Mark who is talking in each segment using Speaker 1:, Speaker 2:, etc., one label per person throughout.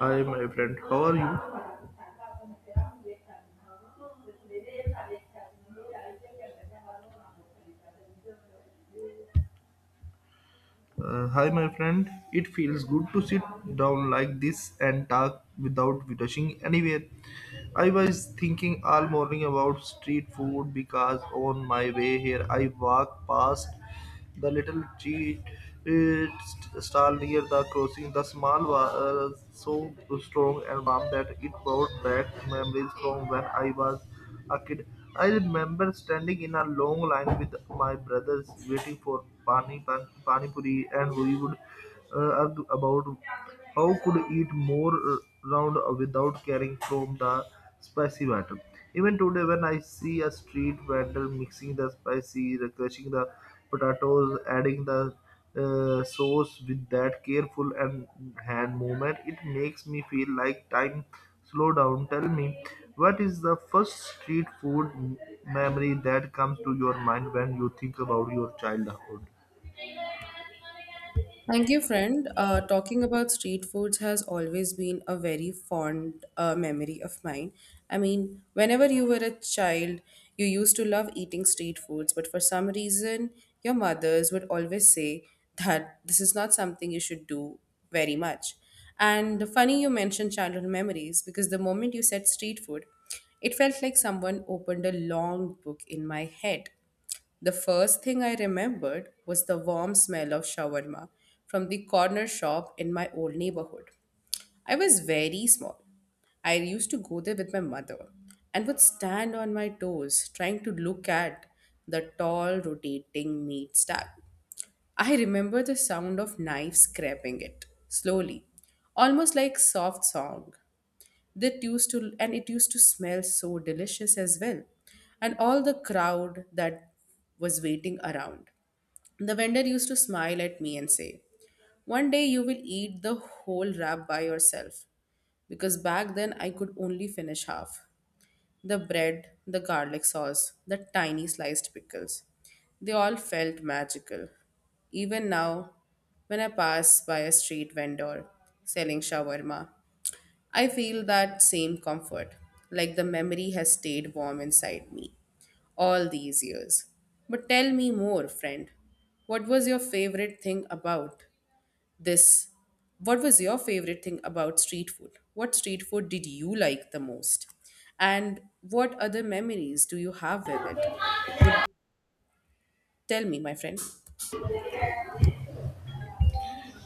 Speaker 1: Hi, my friend. How are you? Hi, my friend. It feels good to sit down like this and talk without rushing anywhere. I was thinking all morning about street food because on my way here I walked past the little cheat it stall near the crossing. The small was so strong and warm that it brought back memories from when I was a kid. I remember standing in a long line with my brothers waiting for pani puri, and we would argue about how could eat more round without caring from the spicy batter. Even today, when I see a street vendor mixing the spicy, crushing the potatoes, adding the sauce with that careful and hand movement, it makes me feel like time slow down. Tell me, what is the first street food memory that comes to your mind when you think about your childhood?
Speaker 2: Thank you, friend. Talking about street foods has always been a very fond memory of mine. I mean, whenever you were a child, you used to love eating street foods, but for some reason, your mothers would always say that this is not something you should do very much. And funny you mentioned childhood memories because the moment you said street food, it felt like someone opened a long book in my head. The first thing I remembered was the warm smell of shawarma from the corner shop in my old neighborhood. I was very small. I used to go there with my mother and would stand on my toes trying to look at the tall rotating meat stack. I remember the sound of knives scraping it slowly, almost like soft song. That used to and it used to smell so delicious as well. And all the crowd that was waiting around. The vendor used to smile at me and say, "One day you will eat the whole wrap by yourself," because back then I could only finish half. The bread, the garlic sauce, the tiny sliced pickles. They all felt magical. Even now, when I pass by a street vendor selling shawarma, I feel that same comfort, like the memory has stayed warm inside me all these years. But tell me more, friend. What was your favorite thing about this? What was your favorite thing about street food? What street food did you like the most? And what other memories do you have with it? Would tell me, my friend.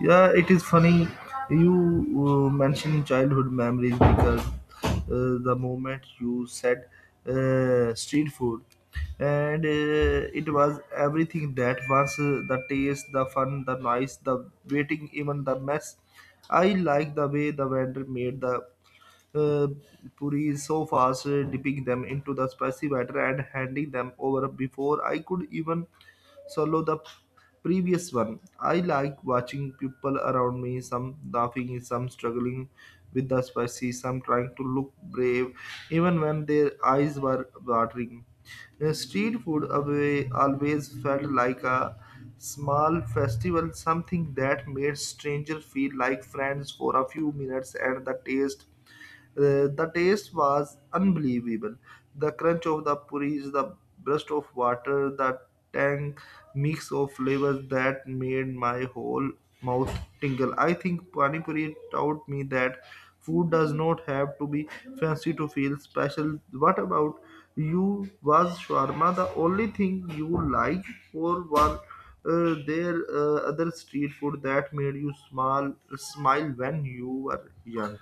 Speaker 1: Yeah, it is funny you mentioned childhood memories because the moment you said street food, and it was everything that was the taste, the fun, the noise, the waiting, even the mess. I like the way the vendor made the uh, puris so fast, dipping them into the spicy batter and handing them over before I could even swallow the previous one. I like watching people around me, some laughing, some struggling with the spicy, some trying to look brave, even when their eyes were watering. Street food away always felt like a small festival, something that made strangers feel like friends for a few minutes, and the taste was unbelievable. The crunch of the puris, the burst of water, the tang mix of flavors that made my whole mouth tingle. I think Pani Puri taught me that food does not have to be fancy to feel special. What about you? Was shawarma the only thing you liked, or was there other street food that made you smile when you were young?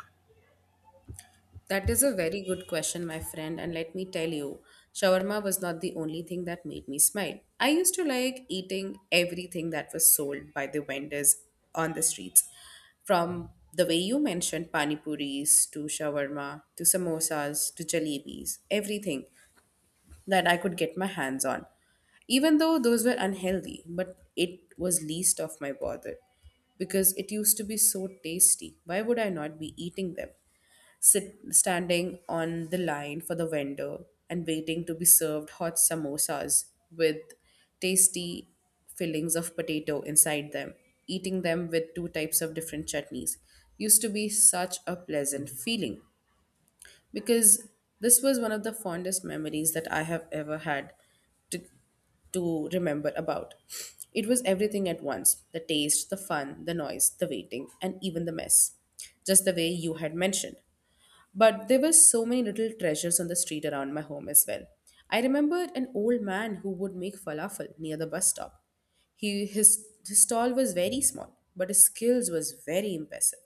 Speaker 2: That is a very good question, my friend, and let me tell you, shawarma was not the only thing that made me smile. I used to like eating everything that was sold by the vendors on the streets. From the way you mentioned pani puris to shawarma to samosas to jalebis, everything that I could get my hands on. Even though those were unhealthy, but it was least of my bother because it used to be so tasty. Why would I not be eating them? Sit standing on the line for the vendor and waiting to be served hot samosas with tasty fillings of potato inside them, eating them with two types of different chutneys used to be such a pleasant feeling, because this was one of the fondest memories that I have ever had to to remember about. It was everything at once: the taste, the fun, the noise, the waiting, and even the mess. Just the way you had mentioned. But there were so many little treasures on the street around my home as well. I remembered an old man who would make falafel near the bus stop. His stall was very small, but his skills was very impressive.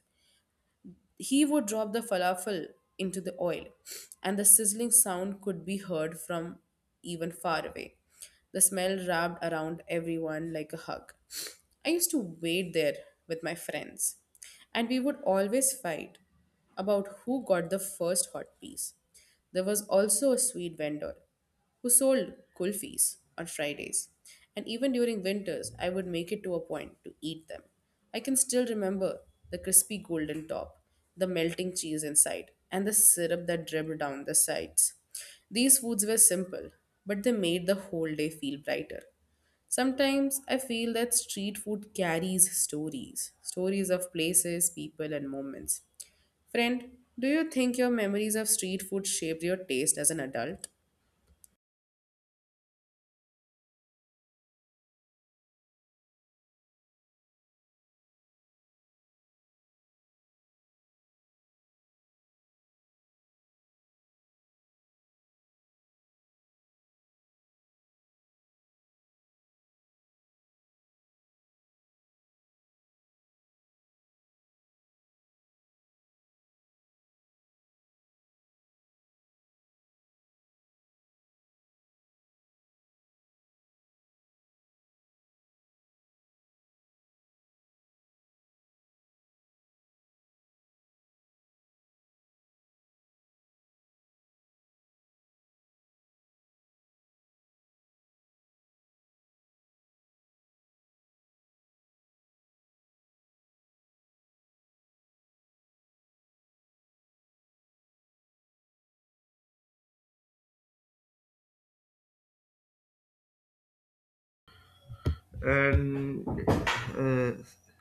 Speaker 2: He would drop the falafel into the oil, and the sizzling sound could be heard from even far away. The smell wrapped around everyone like a hug. I used to wait there with my friends, and we would always fight about who got the first hot piece. There was also a sweet vendor who sold kulfis on Fridays. And even during winters, I would make it to a point to eat them. I can still remember the crispy golden top, the melting cheese inside, and the syrup that dribbled down the sides. These foods were simple, but they made the whole day feel brighter. Sometimes I feel that street food carries stories of places, people, and moments. Friend, do you think your memories of street food shaped your taste as an adult?
Speaker 1: And uh,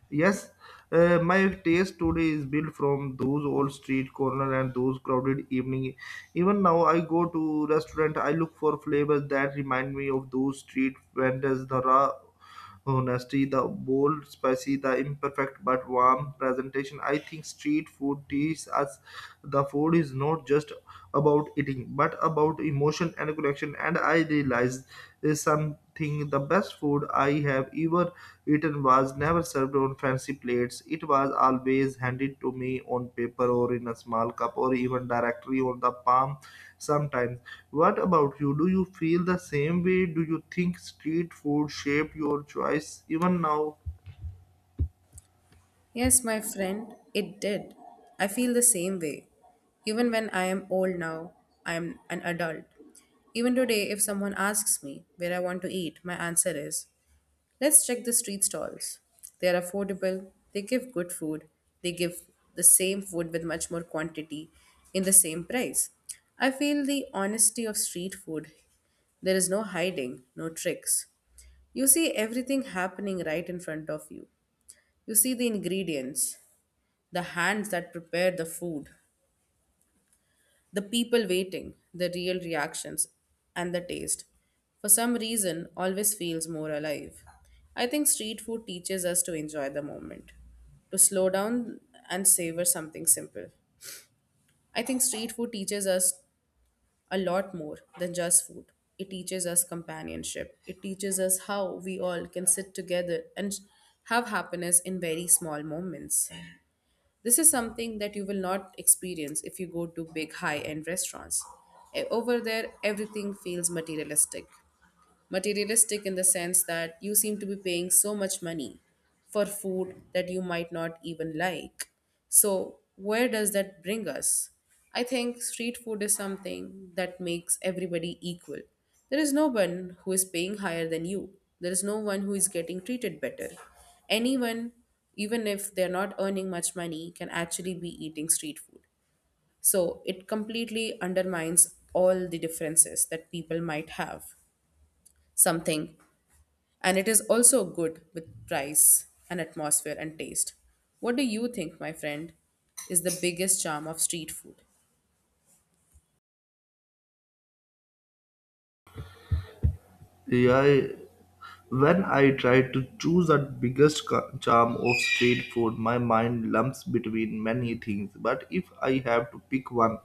Speaker 1: yes, my taste today is built from those old street corner and those crowded evening. Even now I go to restaurant, I look for flavors that remind me of those street vendors, the raw honesty, the bold, spicy, the imperfect but warm presentation. I think street food teaches us the food is not just about eating but about emotion and connection. And I realized is something the best food I have ever eaten was never served on fancy plates. It was always handed to me on paper or in a small cup or even directly on the palm sometimes. What about you? Do you feel the same way? Do you think street food shaped your choice even now?
Speaker 2: Yes, my friend, it did. I feel the same way. Even when I am old now, I am an adult. Even today, if someone asks me where I want to eat, my answer is let's check the street stalls. They are affordable, they give good food, they give the same food with much more quantity in the same price. I feel the honesty of street food. There is no hiding, no tricks. You see everything happening right in front of you. You see the ingredients, the hands that prepared the food, the people waiting, the real reactions, and the taste, for some reason, always feels more alive. I think street food teaches us to enjoy the moment, to slow down and savor something simple. I think street food teaches us a lot more than just food. It teaches us companionship. It teaches us how we all can sit together and have happiness in very small moments. This is something that you will not experience if you go to big high end restaurants. Over there, everything feels materialistic in the sense that you seem to be paying so much money for food that you might not even like. So, where does that bring us? I think street food is something that makes everybody equal. There is no one who is paying higher than you, there is no one who is getting treated better. Anyone, even if they're not earning much money, can actually be eating street food. So it completely undermines all the differences that people might have. Something and it is also good with price and atmosphere and taste. What do you think, my friend, is the biggest charm of street food?
Speaker 1: Yeah, I- when I try to choose the biggest charm of street food, my mind lumps between many things. But if I have to pick one,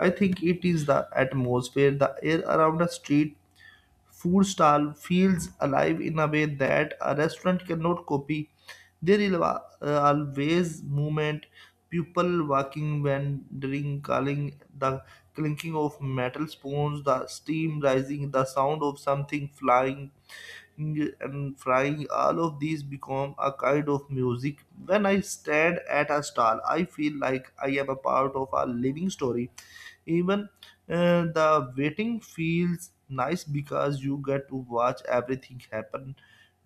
Speaker 1: I think it is the atmosphere, the air around a street food stall feels alive in a way that a restaurant cannot copy. There is always movement, people walking, wandering, calling, the clinking of metal spoons, the steam rising, the sound of something flying and frying. All of these become a kind of music. When I stand at a stall, I feel like I am a part of a living story, even the waiting feels nice because you get to watch everything happen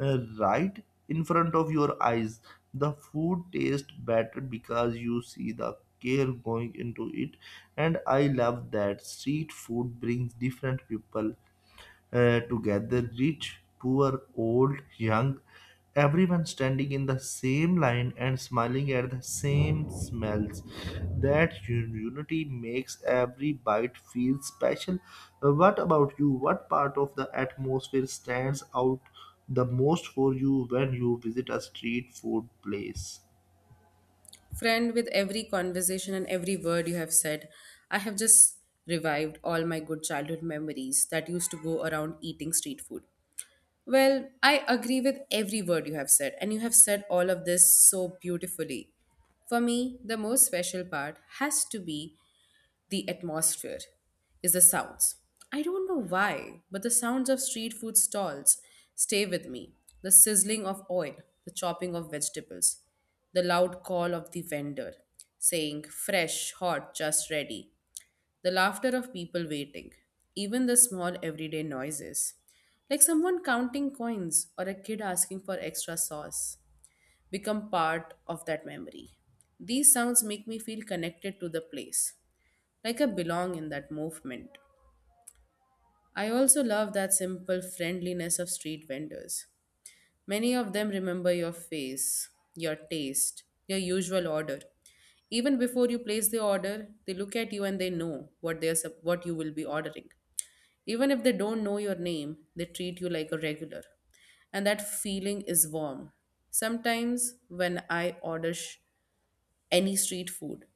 Speaker 1: right in front of your eyes. The food tastes better because you see the care going into it, and I love that street food brings different people together, rich, poor, old, young, everyone standing in the same line and smiling at the same smells. That unity makes every bite feel special. What about you? What part of the atmosphere stands out the most for you when you visit a street food place?
Speaker 2: Friend, with every conversation and every word you have said, I have just revived all my good childhood memories that used to go around eating street food. Well, I agree with every word you have said, and you have said all of this so beautifully. For me, the most special part has to be the atmosphere is the sounds. I don't know why, but the sounds of street food stalls stay with me. The sizzling of oil, the chopping of vegetables, the loud call of the vendor saying, "Fresh, hot, just ready," the laughter of people waiting, even the small everyday noises, like someone counting coins or a kid asking for extra sauce, become part of that memory. These sounds make me feel connected to the place, like I belong in that movement. I also love that simple friendliness of street vendors. Many of them remember your face, your taste, your usual order. Even before you place the order, they look at you and they know what what you will be ordering. Even if they don't know your name, they treat you like a regular. And that feeling is warm. Sometimes when I order any street food,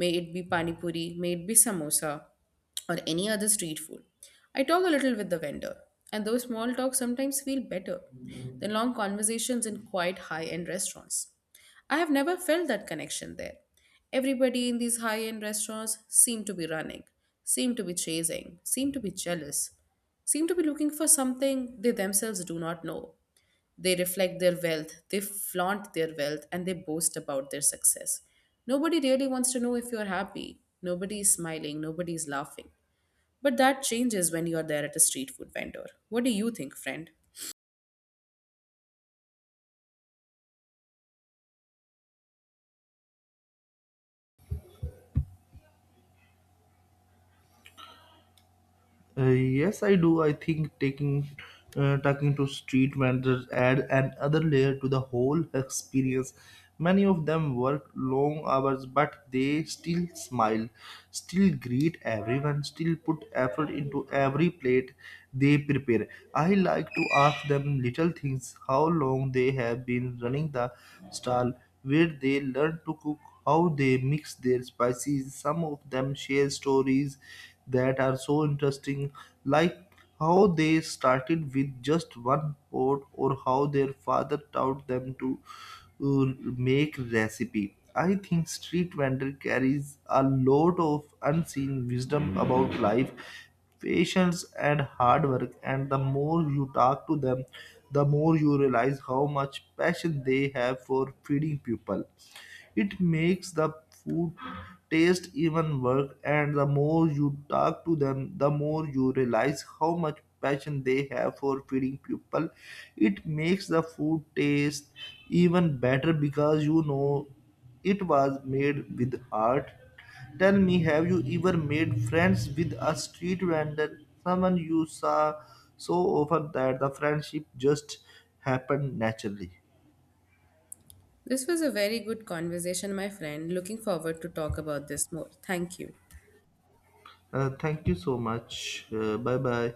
Speaker 2: may it be pani puri, may it be samosa, or any other street food. I talk a little with the vendor, and those small talks sometimes feel better than long conversations in quite high end restaurants. I have never felt that connection there. Everybody in these high end restaurants seem to be running, seem to be chasing, seem to be jealous, seem to be looking for something they themselves do not know. They reflect their wealth, they flaunt their wealth, and they boast about their success. Nobody really wants to know if you're happy. Nobody is smiling, nobody is laughing. But that changes when you're there at a street food vendor. What do you think, friend?
Speaker 1: Yes, I do. I think taking talking to street vendors add another layer to the whole experience. Many of them work long hours, but they still smile, still greet everyone, still put effort into every plate they prepare. I like to ask them little things: how long they have been running the stall, where they learn to cook, how they mix their spices. Some of them share stories that are so interesting, like how they started with just one pot or how their father taught them to make recipe. I think street vendor carries a lot of unseen wisdom about life, patience and hard work, and the more you talk to them, the more you realize how much passion they have for feeding people, it makes the food taste even worse. And the more you talk to them, the more you realize how much passion they have for feeding people, it makes the food taste even better because you know it was made with heart. Tell me, have you ever made friends with a street vendor, someone you saw so often that the friendship just happened naturally?
Speaker 2: This was a very good conversation, my friend. Looking forward to talk about this more. Thank you.
Speaker 1: Thank you so much. Bye bye.